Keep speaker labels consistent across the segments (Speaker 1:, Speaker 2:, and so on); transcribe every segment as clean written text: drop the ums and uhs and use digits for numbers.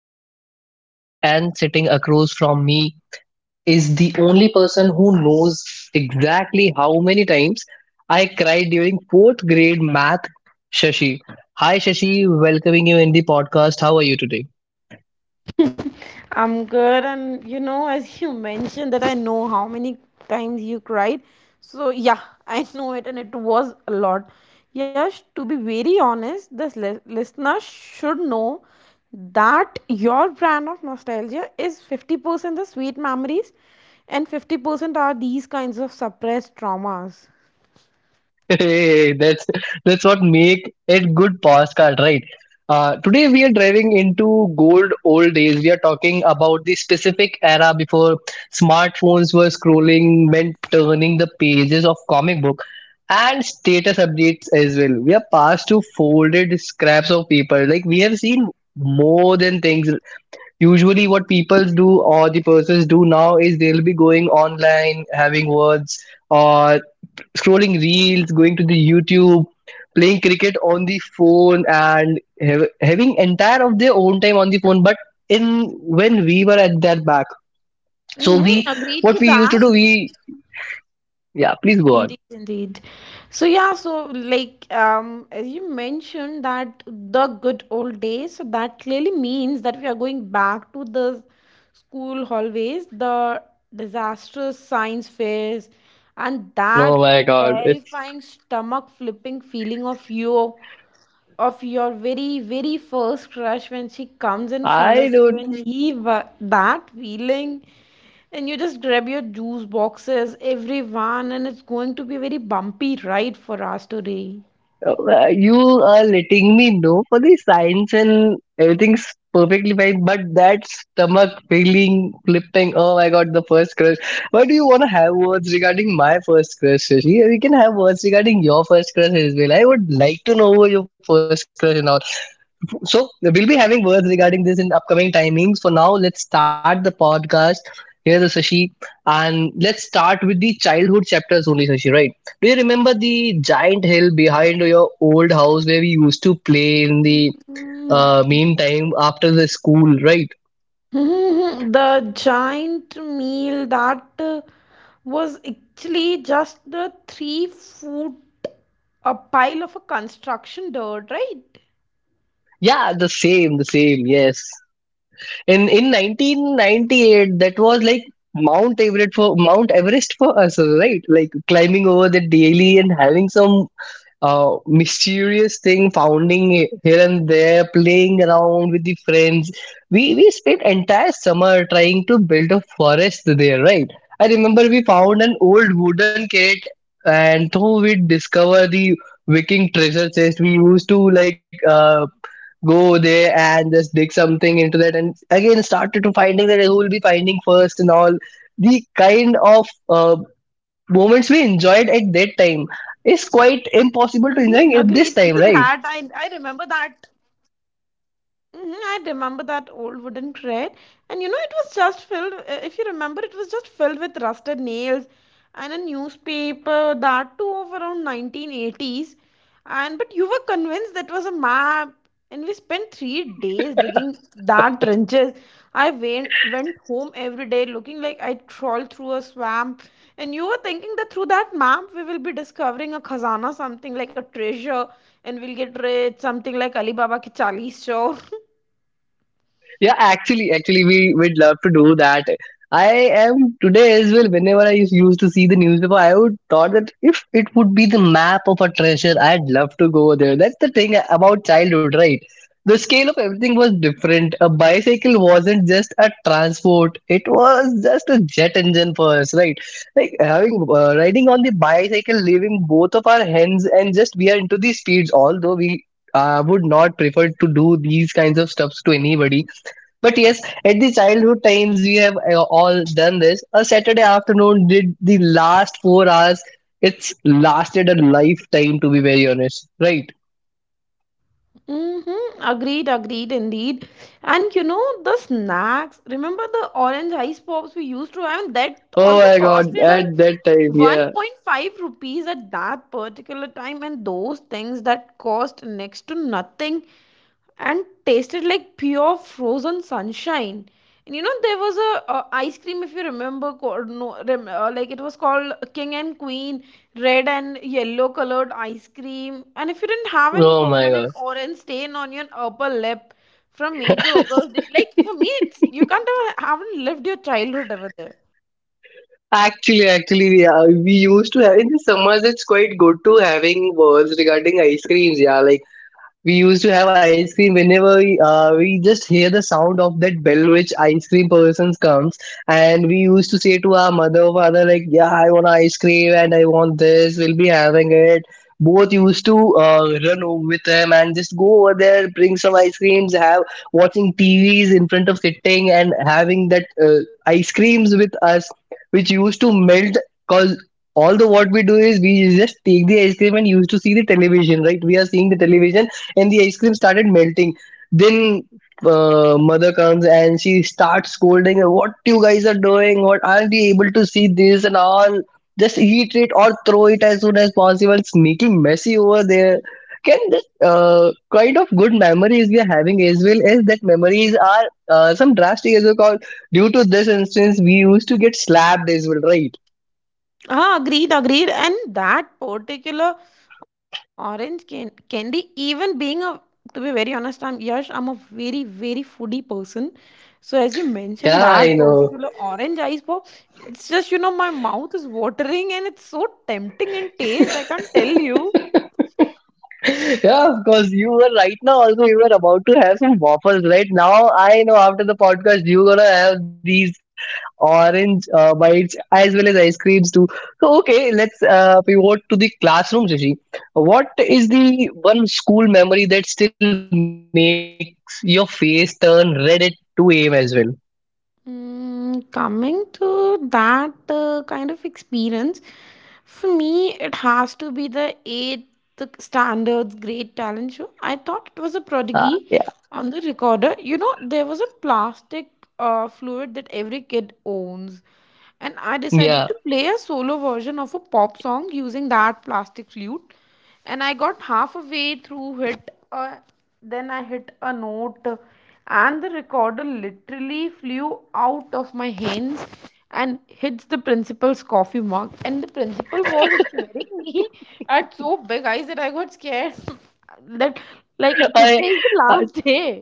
Speaker 1: am your host Yash and sitting across from me is the only person who knows exactly how many times I cried during fourth grade math, Shashi. Hi Shashi, welcoming you in the podcast. How are you today?
Speaker 2: I'm good, and as you mentioned, that I know how many times you cried. So, yeah, I know it, and it was a lot. Yes, to be very honest, this listener should know that your brand of nostalgia is 50% the sweet memories and 50% are these kinds of suppressed traumas.
Speaker 1: Hey, that's what make it good postcard, right? Today we are driving into gold old days. We are talking about the specific era before smartphones were scrolling, meant turning the pages of comic book, and status updates as well. We are past to folded scraps of paper. Like we have seen more than things. Usually, what people do or the persons do now is they'll be going online, having words, or scrolling reels, going to the YouTube, playing cricket on the phone, and having entire of their own time on the phone. But in when we were at that back, so
Speaker 2: Mm-hmm,
Speaker 1: we
Speaker 2: agreed
Speaker 1: what
Speaker 2: to
Speaker 1: we used to do,
Speaker 2: that.
Speaker 1: we yeah, please go on.
Speaker 2: Indeed, indeed. So yeah, so like as you mentioned that the good old days, so that clearly means that we are going back to the school hallways, the disastrous science fairs, and
Speaker 1: Oh
Speaker 2: that
Speaker 1: my god, it's
Speaker 2: terrifying stomach flipping feeling of your very very first crush, when she comes in front
Speaker 1: I
Speaker 2: of you,
Speaker 1: don't
Speaker 2: and that feeling, and you just grab your juice boxes everyone, and it's going to be a very bumpy ride for us today.
Speaker 1: You are letting me know for the science and everything's perfectly fine, but that stomach feeling, flipping, oh my god, the first crush. Why do you want to have words regarding my first crush, Shashi? We can have words regarding your first crush as well. I would like to know who your first crush and all. So we'll be having words regarding this in upcoming timings. For now, let's start the podcast. Here's the Sashi, and let's start with the childhood chapters only, Sashi. Right? Do you remember the giant hill behind your old house where we used to play in the meantime after the school? Right?
Speaker 2: The giant meal that was actually just the three food, a pile of a construction dirt, right?
Speaker 1: Yeah, the same, the same. Yes. In 1998, that was like Mount Everest for us, right? Like climbing over the daily and having some mysterious thing, founding it here and there, playing around with the friends. We spent entire summer trying to build a forest there, right? I remember we found an old wooden crate, and though we discover the Viking treasure chest, we used to like go there and just dig something into that, and again started to finding that who will be finding first and all. The kind of moments we enjoyed at that time is
Speaker 2: Mm-hmm,
Speaker 1: quite
Speaker 2: agreed to
Speaker 1: impossible to
Speaker 2: that,
Speaker 1: enjoy at
Speaker 2: I,
Speaker 1: this
Speaker 2: I
Speaker 1: time,
Speaker 2: remember
Speaker 1: right?
Speaker 2: that. Mhm, I remember that old wooden crate, and you know, it was just filled, if you remember, it was just filled with rusted nails and a newspaper, that too of around 1980s. And but you were convinced that was a map, and we spent 3 days digging that trenches. I went home every day looking like I crawled through a swamp, and you were thinking that through that map we will be discovering a khazana, something like a treasure, and we'll get rich, something like Alibaba ki chalis chor.
Speaker 1: Yeah, actually we would love to do that. I am today as well. Whenever I used to see the newspaper, I would thought that if it would be the map of a treasure, I'd love to go there. That's the thing about childhood, right? The scale of everything was different. A bicycle wasn't just a transport, it was just a jet engine for us, right? Like having riding on the bicycle leaving both of our hands and just we are into the speeds, although we would not prefer to do these kinds of stuffs to anybody. But yes, at the childhood times, we have all done this. A Saturday afternoon did the last 4 hours. It's lasted a lifetime, to be very honest, right?
Speaker 2: Mm-hmm, agreed, agreed, indeed. And you know the snacks, remember the orange ice pops we used to have? That
Speaker 1: Oh
Speaker 2: also
Speaker 1: my god,
Speaker 2: costed
Speaker 1: at
Speaker 2: us
Speaker 1: that time, yeah.
Speaker 2: 1.5 rupees at that particular time, and those things that cost next to nothing and tasted like pure frozen sunshine. And you know there was a, ice cream, if you remember, no, like, it was called King and Queen, red and yellow colored ice cream, and if you didn't have a
Speaker 1: Oh my
Speaker 2: permanent
Speaker 1: god.
Speaker 2: orange stain on your upper lip from May to August, it, like, for me it's, you can't ever haven't lived your childhood ever there.
Speaker 1: Actually, yeah, we used to have in the summers. It's quite good to having words regarding ice creams. Yeah, like we used to have ice cream whenever we just hear the sound of that bell which ice cream person comes, and we used to say to our mother or father like yeah, I want ice cream and I want this, we'll be having it. Both used to run over with them and just go over there, bring some ice creams, have watching tvs in front of sitting and having that ice creams with us, which used to melt. Because all the what we do is we just take the ice cream and used to see the television, right? We are seeing the television and the ice cream started melting. Then mother comes and she starts scolding, "What you guys are doing? What aren't you able to see this and all? Just eat it or throw it as soon as possible. It's making messy over there." Can this kind of good memories we are having, as well as that memories are some drastic as well. Cause Due to this instance, we used to get slapped as well, right?
Speaker 2: Ah, agreed, agreed. And that particular orange candy, even to be very honest, I'm Yash, I'm a very, very foodie person. So as you mentioned,
Speaker 1: Yeah,
Speaker 2: that
Speaker 1: I know.
Speaker 2: particular orange ice pop, it's just, my mouth is watering and it's so tempting in taste. I can't tell you.
Speaker 1: Yeah, of course. You were right now also you were about to have some waffles, right? Now I know after the podcast you're gonna have these orange bites as well as ice creams too. So okay, let's pivot to the classroom, Rishi. What is the one school memory that still makes your face turn red at 2 a.m. as well?
Speaker 2: Mm, coming to that kind of experience, for me, it has to be the eighth standards great talent show. I thought it was a
Speaker 1: Uh,
Speaker 2: prodigy
Speaker 1: yeah,
Speaker 2: on the recorder. You know, there was a plastic fluid that every kid owns, and I decided
Speaker 1: yeah.
Speaker 2: to play a solo version of a pop song using that plastic flute. And I got half a way through it. Then I hit a note, and the recorder literally flew out of my hands and hits the principal's coffee mug, and the principal was staring me at so big eyes that I got scared, that like today is the
Speaker 1: I,
Speaker 2: last day.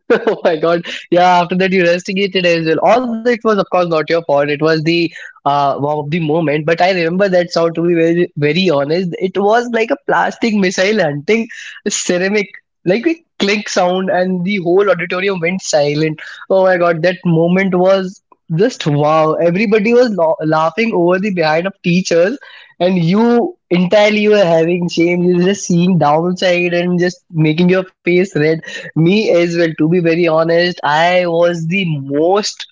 Speaker 1: oh my god. Yeah, after that you investigated as well, although it was of course not your fault. It was the wow of the moment. But I remember that sound, to be very very honest. It was like a plastic missile hunting ceramic, like a click sound, and the whole auditorium went silent. Oh my god, that moment was just wow. Everybody was laughing over the behind of teachers, and you entirely were having shame. You're just seeing downside and just making your face red. Me as well, to be very honest, I was the most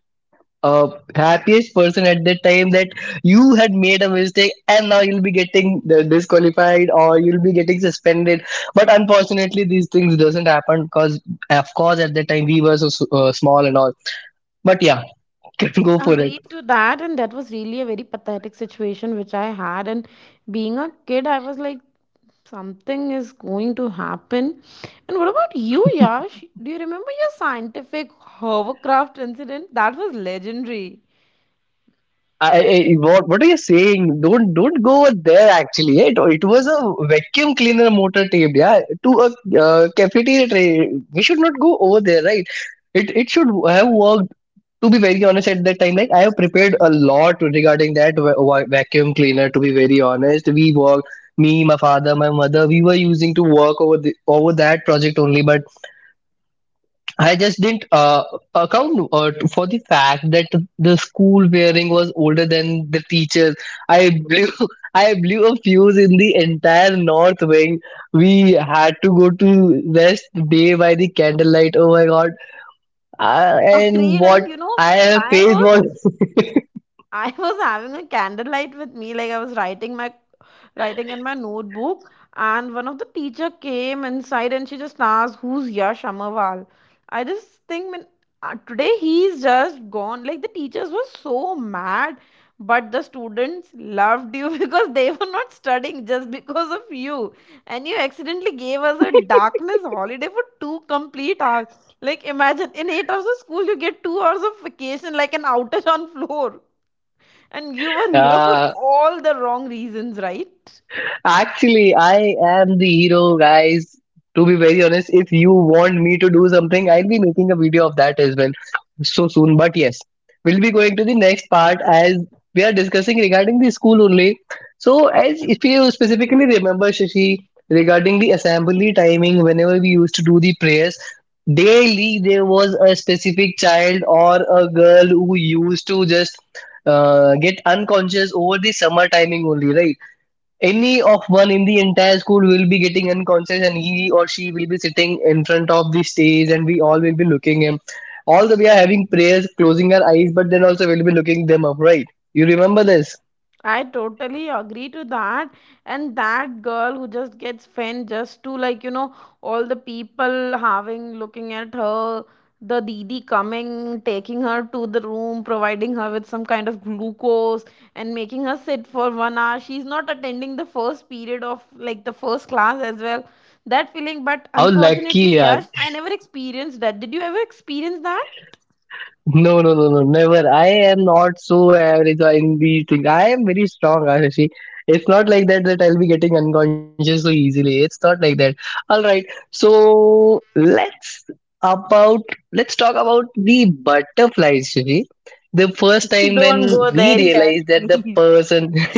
Speaker 1: uh, happiest person at that time, that you had made a mistake and now you'll be getting disqualified or you'll be getting suspended. But unfortunately these things doesn't happen, because of course at that time we were so small and all. But yeah, can go for it.
Speaker 2: Agreed to that, and that was really a very pathetic situation which I had, and being a kid I was like something is going to happen. And what about you, Yash? Do you remember your scientific hovercraft incident? That was legendary.
Speaker 1: I, what are you saying? Don't go over there. Actually it was a vacuum cleaner motor taped, yeah, to a cafeteria tray. We should not go over there, right? It should have worked. To be very honest, at that time, like I have prepared a lot regarding that vacuum cleaner. To be very honest, we worked, me, my father, my mother, we were using to work over that project only. But I just didn't account for the fact that the school wearing was older than the teachers. I blew I blew a fuse in the entire north wing. We had to go to rest day by the candlelight. Oh my god. And
Speaker 2: Agreed,
Speaker 1: what
Speaker 2: and you know,
Speaker 1: I have
Speaker 2: I
Speaker 1: faced was
Speaker 2: was I was having a candlelight with me, like I was writing in my notebook, and one of the teacher came inside and she just asked, "Who's Yash Amarwal?" I just think, when today he's just gone. Like the teachers were so mad, but the students loved you because they were not studying just because of you, and you accidentally gave us a darkness holiday for 2 complete hours. Like imagine, in 8 hours of school you get 2 hours of vacation, like an outage on floor, and you were hero for
Speaker 1: uh,
Speaker 2: all the wrong reasons, right?
Speaker 1: Actually, I am the hero, guys. To be very honest, if you want me to do something, I'll be making a video of that as well so soon. But yes, we'll be going to the next part as we are discussing regarding the school only. So, as if you specifically remember, Shashi, regarding the assembly timing, whenever we used to do the prayers, daily there was a specific child or a girl who used to just get unconscious over the summer timing only, right? Any of one in the entire school will be getting unconscious and he or she will be sitting in front of the stage, and we all will be looking him, although we are having prayers closing our eyes, but then also we'll be looking them up, right? You remember this?
Speaker 2: I totally agree to that. And that girl who just gets fanned, just to like, all the people having looking at her, the Didi coming, taking her to the room, providing her with some kind of glucose, and making her sit for 1 hour. She's not attending the first period of like the first class as well. That feeling, but
Speaker 1: How
Speaker 2: unfortunately,
Speaker 1: lucky. Yeah.
Speaker 2: Yash, I never experienced that. Did you ever experience that?
Speaker 1: No, no, no, no, never. I am not so average in these things. I am very strong, Ashishi. It's not like that that I'll be getting unconscious so easily. It's not like that. All right. So about let's talk about the butterflies, Shishi. The first time
Speaker 2: Don't
Speaker 1: when
Speaker 2: go
Speaker 1: we
Speaker 2: there, Yash,
Speaker 1: realized that the
Speaker 2: please.
Speaker 1: person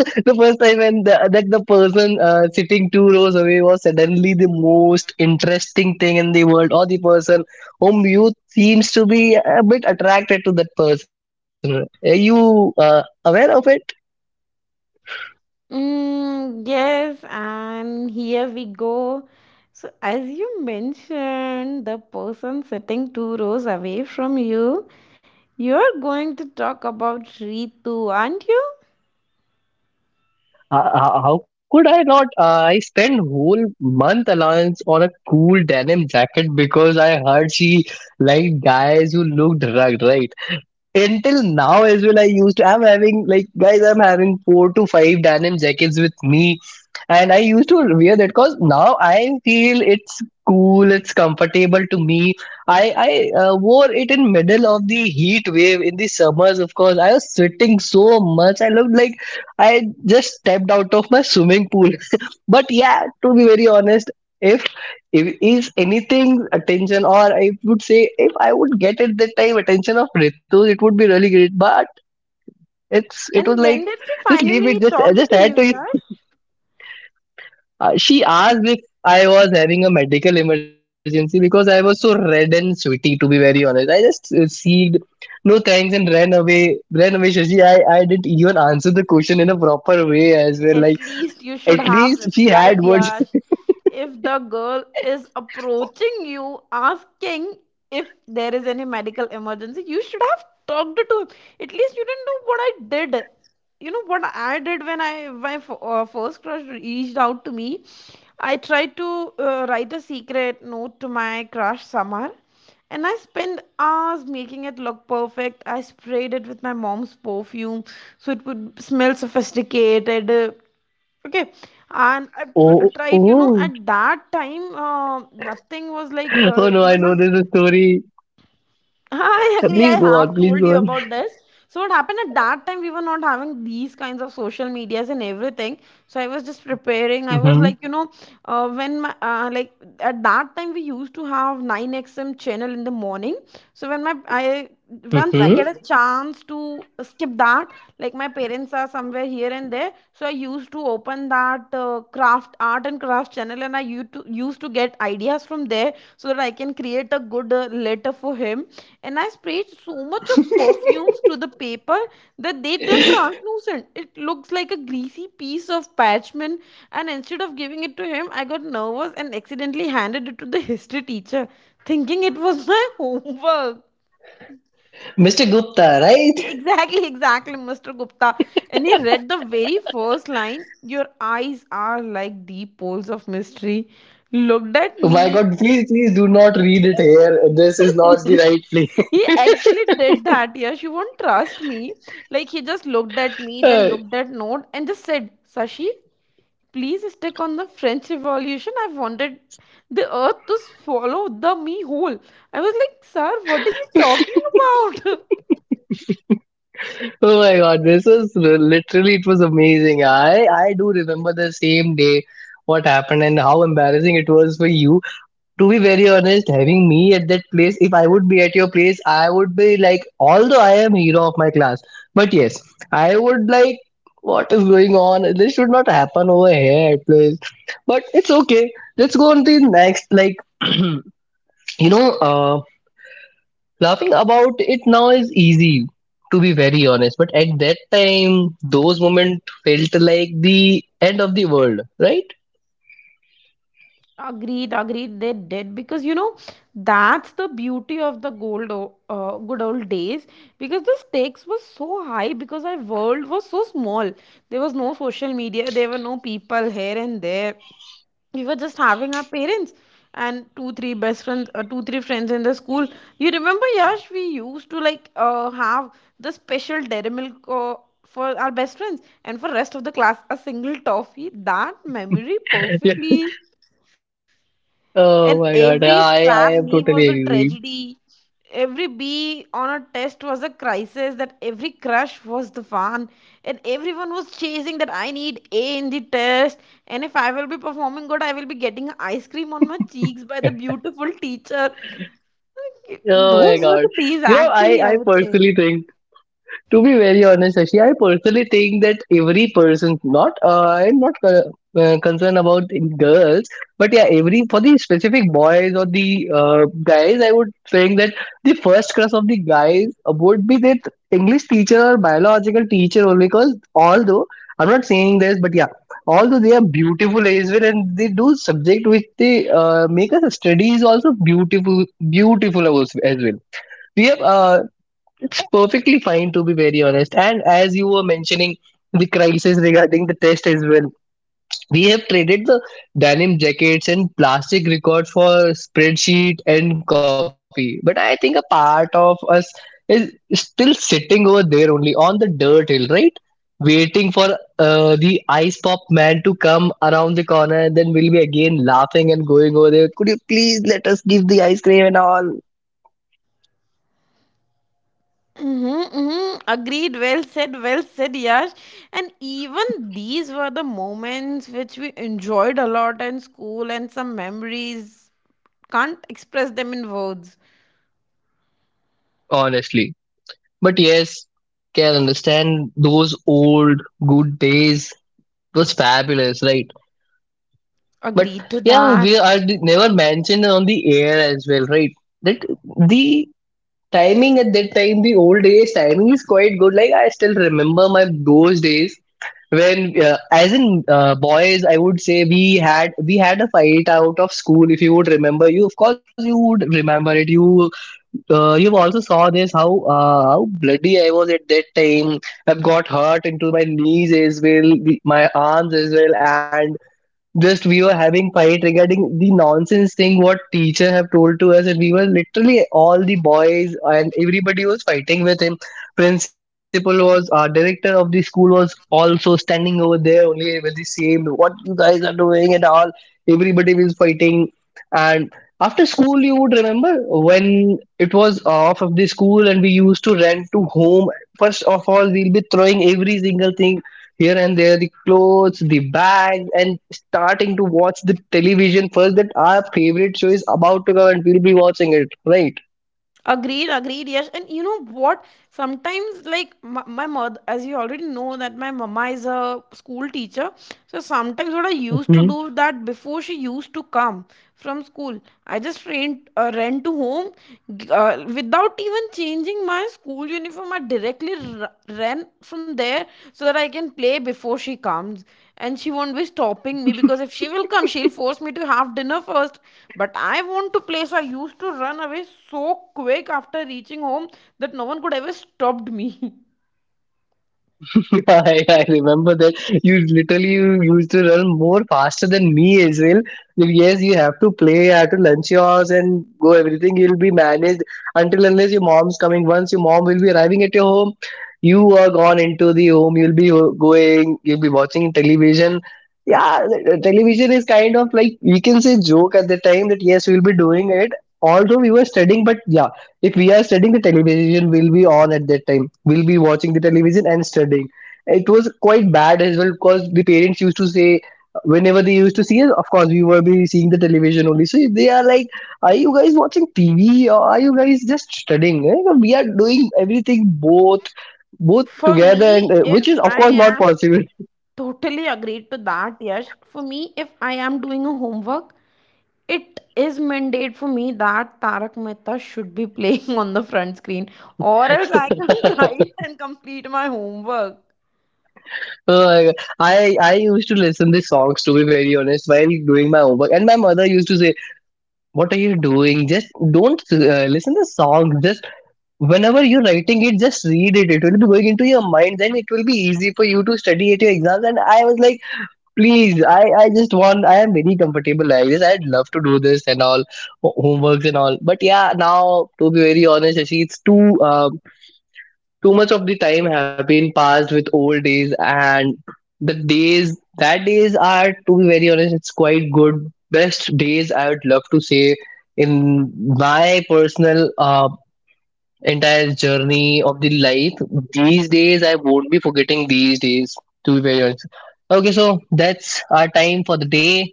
Speaker 1: the first time when that the person sitting two rows away was suddenly the most interesting thing in the world, or the person whom you seems to be a bit attracted to that person, are you aware of it?
Speaker 2: Mm, yes, and here we go. So, as you mentioned, the person sitting two rows away from you, you're going to talk about Ritu, aren't you?
Speaker 1: How could I not? I spent whole month allowance on a cool denim jacket because I heard she liked guys who looked rugged, right? Until now as well, I used to I'm having, like guys, I'm having four to five denim jackets with me, and I used to wear that because now I feel it's cool, it's comfortable to me. I I wore it in middle of the heat wave in the summers. Of course, I was sweating so much. I looked like I just stepped out of my swimming pool. But yeah, to be very honest, if if is anything attention, or I would say if I would get at that time attention of Ritu, it would be really great. But it's it
Speaker 2: And
Speaker 1: was
Speaker 2: when
Speaker 1: like,
Speaker 2: did she
Speaker 1: just leave it.
Speaker 2: finally
Speaker 1: Just I
Speaker 2: talk
Speaker 1: just
Speaker 2: to
Speaker 1: had
Speaker 2: you?
Speaker 1: to
Speaker 2: Yeah?
Speaker 1: she asked if I was having a medical emergency because I was so red and sweaty. To be very honest, I just said no thanks and ran away. Ran away, Shashi. I didn't even answer the question in a proper way as well.
Speaker 2: At
Speaker 1: Like
Speaker 2: least you should
Speaker 1: at
Speaker 2: have
Speaker 1: least she had
Speaker 2: replied,
Speaker 1: words.
Speaker 2: Yash. If the girl is approaching you asking if there is any medical emergency, you should have talked to him. At least you didn't do what I did. You know what I did when I my f- first crush reached out to me. I tried to write a secret note to my crush Samar, and I spent hours making it look perfect. I sprayed it with my mom's perfume so it would smell sophisticated. Okay, and I
Speaker 1: Oh
Speaker 2: tried,
Speaker 1: oh
Speaker 2: at that time, nothing was like,
Speaker 1: oh no!
Speaker 2: we
Speaker 1: I
Speaker 2: were
Speaker 1: know
Speaker 2: not.
Speaker 1: this is story.
Speaker 2: I
Speaker 1: Uh,
Speaker 2: agree.
Speaker 1: Please
Speaker 2: I
Speaker 1: go on.
Speaker 2: have
Speaker 1: Please
Speaker 2: told
Speaker 1: go
Speaker 2: you
Speaker 1: on.
Speaker 2: about this. So what happened, at that time we were not having these kinds of social medias and everything. So I was just preparing. I was
Speaker 1: hmm
Speaker 2: like, you know, when my like at that time we used to have 9XM channel in the morning. So when my I once I
Speaker 1: hmm
Speaker 2: get a chance to skip that, like my parents are somewhere here and there. So I used to open that craft, art and craft channel, and I used to get ideas from there so that I can create a good letter for him, and I sprayed so much of perfumes to the paper that they turned translucent. It looks like a greasy piece of parchment, and instead of giving it to him, I got nervous and accidentally handed it to the history teacher, thinking it was my homework.
Speaker 1: Mr. Gupta, right?
Speaker 2: Exactly, exactly, Mr. Gupta. And he read the very first line, "Your eyes are like deep pools of mystery." Looked at
Speaker 1: Oh my
Speaker 2: me.
Speaker 1: God! Please please do not read it here. This is not the right place.
Speaker 2: He actually did that. Yeah, she won't trust me. Like he just looked at me, then looked at note, and just said, "Sashi, please stick on the French Revolution. I wanted the Earth to swallow the me whole." I was like, "Sir, what are you talking about?"
Speaker 1: Oh my god, literally it was amazing. I do remember the same day what happened and how embarrassing it was for you. To be very honest, having me at that place, if I would be at your place, I would be like, although I am hero of my class, but yes, I would like, what is going on? This should not happen over here at place. But it's okay. Let's go on to the next. Like, you know, uh, laughing about it now is easy, to be very honest, but at that time, those moments felt like the end of the world, right?
Speaker 2: Agreed, agreed. They did, because that's the beauty of the good old days. Because the stakes were so high, because our world was so small. There was no social media. There were no people here and there. We were just having our parents and two three best friends, two three friends in the school. You remember, Yash, we used to like have the special dairy milk for our best friends, and for rest of the class a single toffee. That memory
Speaker 1: Yeah.
Speaker 2: perfectly, and
Speaker 1: Oh my
Speaker 2: every
Speaker 1: god,
Speaker 2: scrap
Speaker 1: I
Speaker 2: leaf
Speaker 1: am
Speaker 2: was a
Speaker 1: totally agree.
Speaker 2: tragedy. Every bee on a test was a crisis. That every crush was the fun, and everyone was chasing that I need A in the test. And if I will be performing good, I will be getting ice cream on my cheeks by the beautiful teacher.
Speaker 1: Oh my
Speaker 2: Those were
Speaker 1: god.
Speaker 2: the days,
Speaker 1: You know, I,
Speaker 2: actually, I
Speaker 1: I
Speaker 2: would say.
Speaker 1: personally think to be very honest, Ashi, I personally think that every person, not I'm not concerned about in girls, but yeah, every for the specific boys or the guys, I would think that the first crush of the guys would be that English teacher or biological teacher only. Because although I'm not saying this, but yeah, although they are beautiful as well, and they do subject which they make us study is also beautiful, beautiful as well we have perfectly fine to be very honest. And as you were mentioning the crisis regarding the test as well, we have traded the denim jackets and plastic record for spreadsheet and coffee, but I think a part of us is still sitting over there only on the dirt hill, right, waiting for the ice pop man to come around the corner, and then we'll be again laughing and going over there. Could you please let us give the ice cream and all
Speaker 2: Mm-hmm, mm-hmm. Agreed. Well said. Well said, Yash. And even these were the moments which we enjoyed a lot in school, and some memories can't express them in words.
Speaker 1: honestly? But yes, can understand those old good days was fabulous, right? But
Speaker 2: Agreed to
Speaker 1: yeah,
Speaker 2: that.
Speaker 1: never mentioned on the air as well, right? That the timing at that time, the old days timing is quite good. Like I still remember my those days when as in boys I would say we had a fight out of school. If you would remember, you of course you would remember it. You you also saw this how how bloody I was at that time. I've got hurt into my knees as well, my arms as well. Just we were having fight regarding the nonsense thing what teacher have told to us, and we were literally all the boys and everybody was fighting with him. Principal was our director of the school was also standing over there only with the same what you guys are doing and all. Everybody was fighting, and after school, you would remember, when it was off of the school and we used to run to home, first of all we'll be throwing every single thing here and there, the clothes, the bags, and starting to watch the television first that our favorite show is about to come and we'll be watching it, right?
Speaker 2: Agreed, agreed. Yes, and you know what, sometimes like my mother, as you already know that my mama is a school teacher. So sometimes what I used to do, that before she used to come from school, I just ran to home, without even changing my school uniform, I directly ran from there so that I can play before she comes, and she won't be stopping me, because if she will come she'll force me to have dinner first, but I want to play, so I used to run away so quick after reaching home that no one could ever stopped me.
Speaker 1: I remember that you literally you used to run more faster than me as well. Like, yes, you have to play, you have to lunch yours and go everything. You'll be managed until unless your mom's coming. Once your mom will be arriving at your home, you are gone into the home. You'll be going, you'll be watching television. Yeah, the television is kind of like we can say joke at the time that yes, we'll be doing it. Although we were studying, but yeah, if we are studying the television will be on, at that time we'll be watching the television and studying. It was quite bad as well because the parents used to say whenever they used to see us, of course we were be seeing the television only, so they are like, are you guys watching TV or are you guys just studying? Eh, so, we are doing everything, both both
Speaker 2: for me
Speaker 1: together and
Speaker 2: if
Speaker 1: which is of
Speaker 2: I
Speaker 1: course not
Speaker 2: am
Speaker 1: possible.
Speaker 2: Totally agreed to that. Yes, for me, if I am doing a homework, it is mandate for me that Tarak Mehta should be playing on the front screen, or else I can't write and complete my homework.
Speaker 1: Oh my God. I used to listen these songs to be very honest while doing my homework, and my mother used to say, "What are you doing? Just don't listen to songs. Just whenever you're writing it just read it, it will be going into your mind, then it will be easy for you to study at your exams." And I was like, please, I just want, I am very comfortable like this, I'd love to do this and all homeworks and all. But yeah, now to be very honest Shashi, it's too too much of the time have been passed with old days, and the days that days are to be very honest it's quite good, best days I would love to say in my personal entire journey of the life. These days, I won't be forgetting these days, to be very honest. Okay, so that's our time for the day.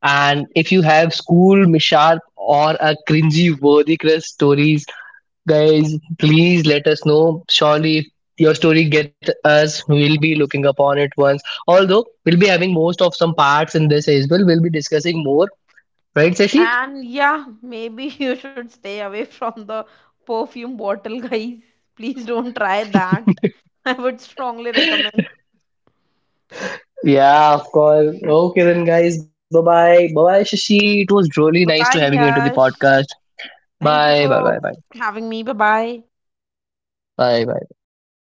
Speaker 1: And if you have school mishap or a cringy worthy crush stories, guys, please let us know. Surely, if your story get us, we'll be looking upon it once. Although we'll be having most of some parts in this as well. We'll be discussing more, right, Sashi?
Speaker 2: And yeah, maybe you should stay away from the perfume bottle, guys. Please don't try that. I would strongly recommend.
Speaker 1: Yeah, of course. Okay, then, guys. Bye bye. Bye bye, Shashi. It was really nice to
Speaker 2: Bye
Speaker 1: having
Speaker 2: bye,
Speaker 1: you into the podcast.
Speaker 2: Yash. Thank you
Speaker 1: Bye
Speaker 2: for
Speaker 1: bye.
Speaker 2: having me. Bye bye.
Speaker 1: Bye bye.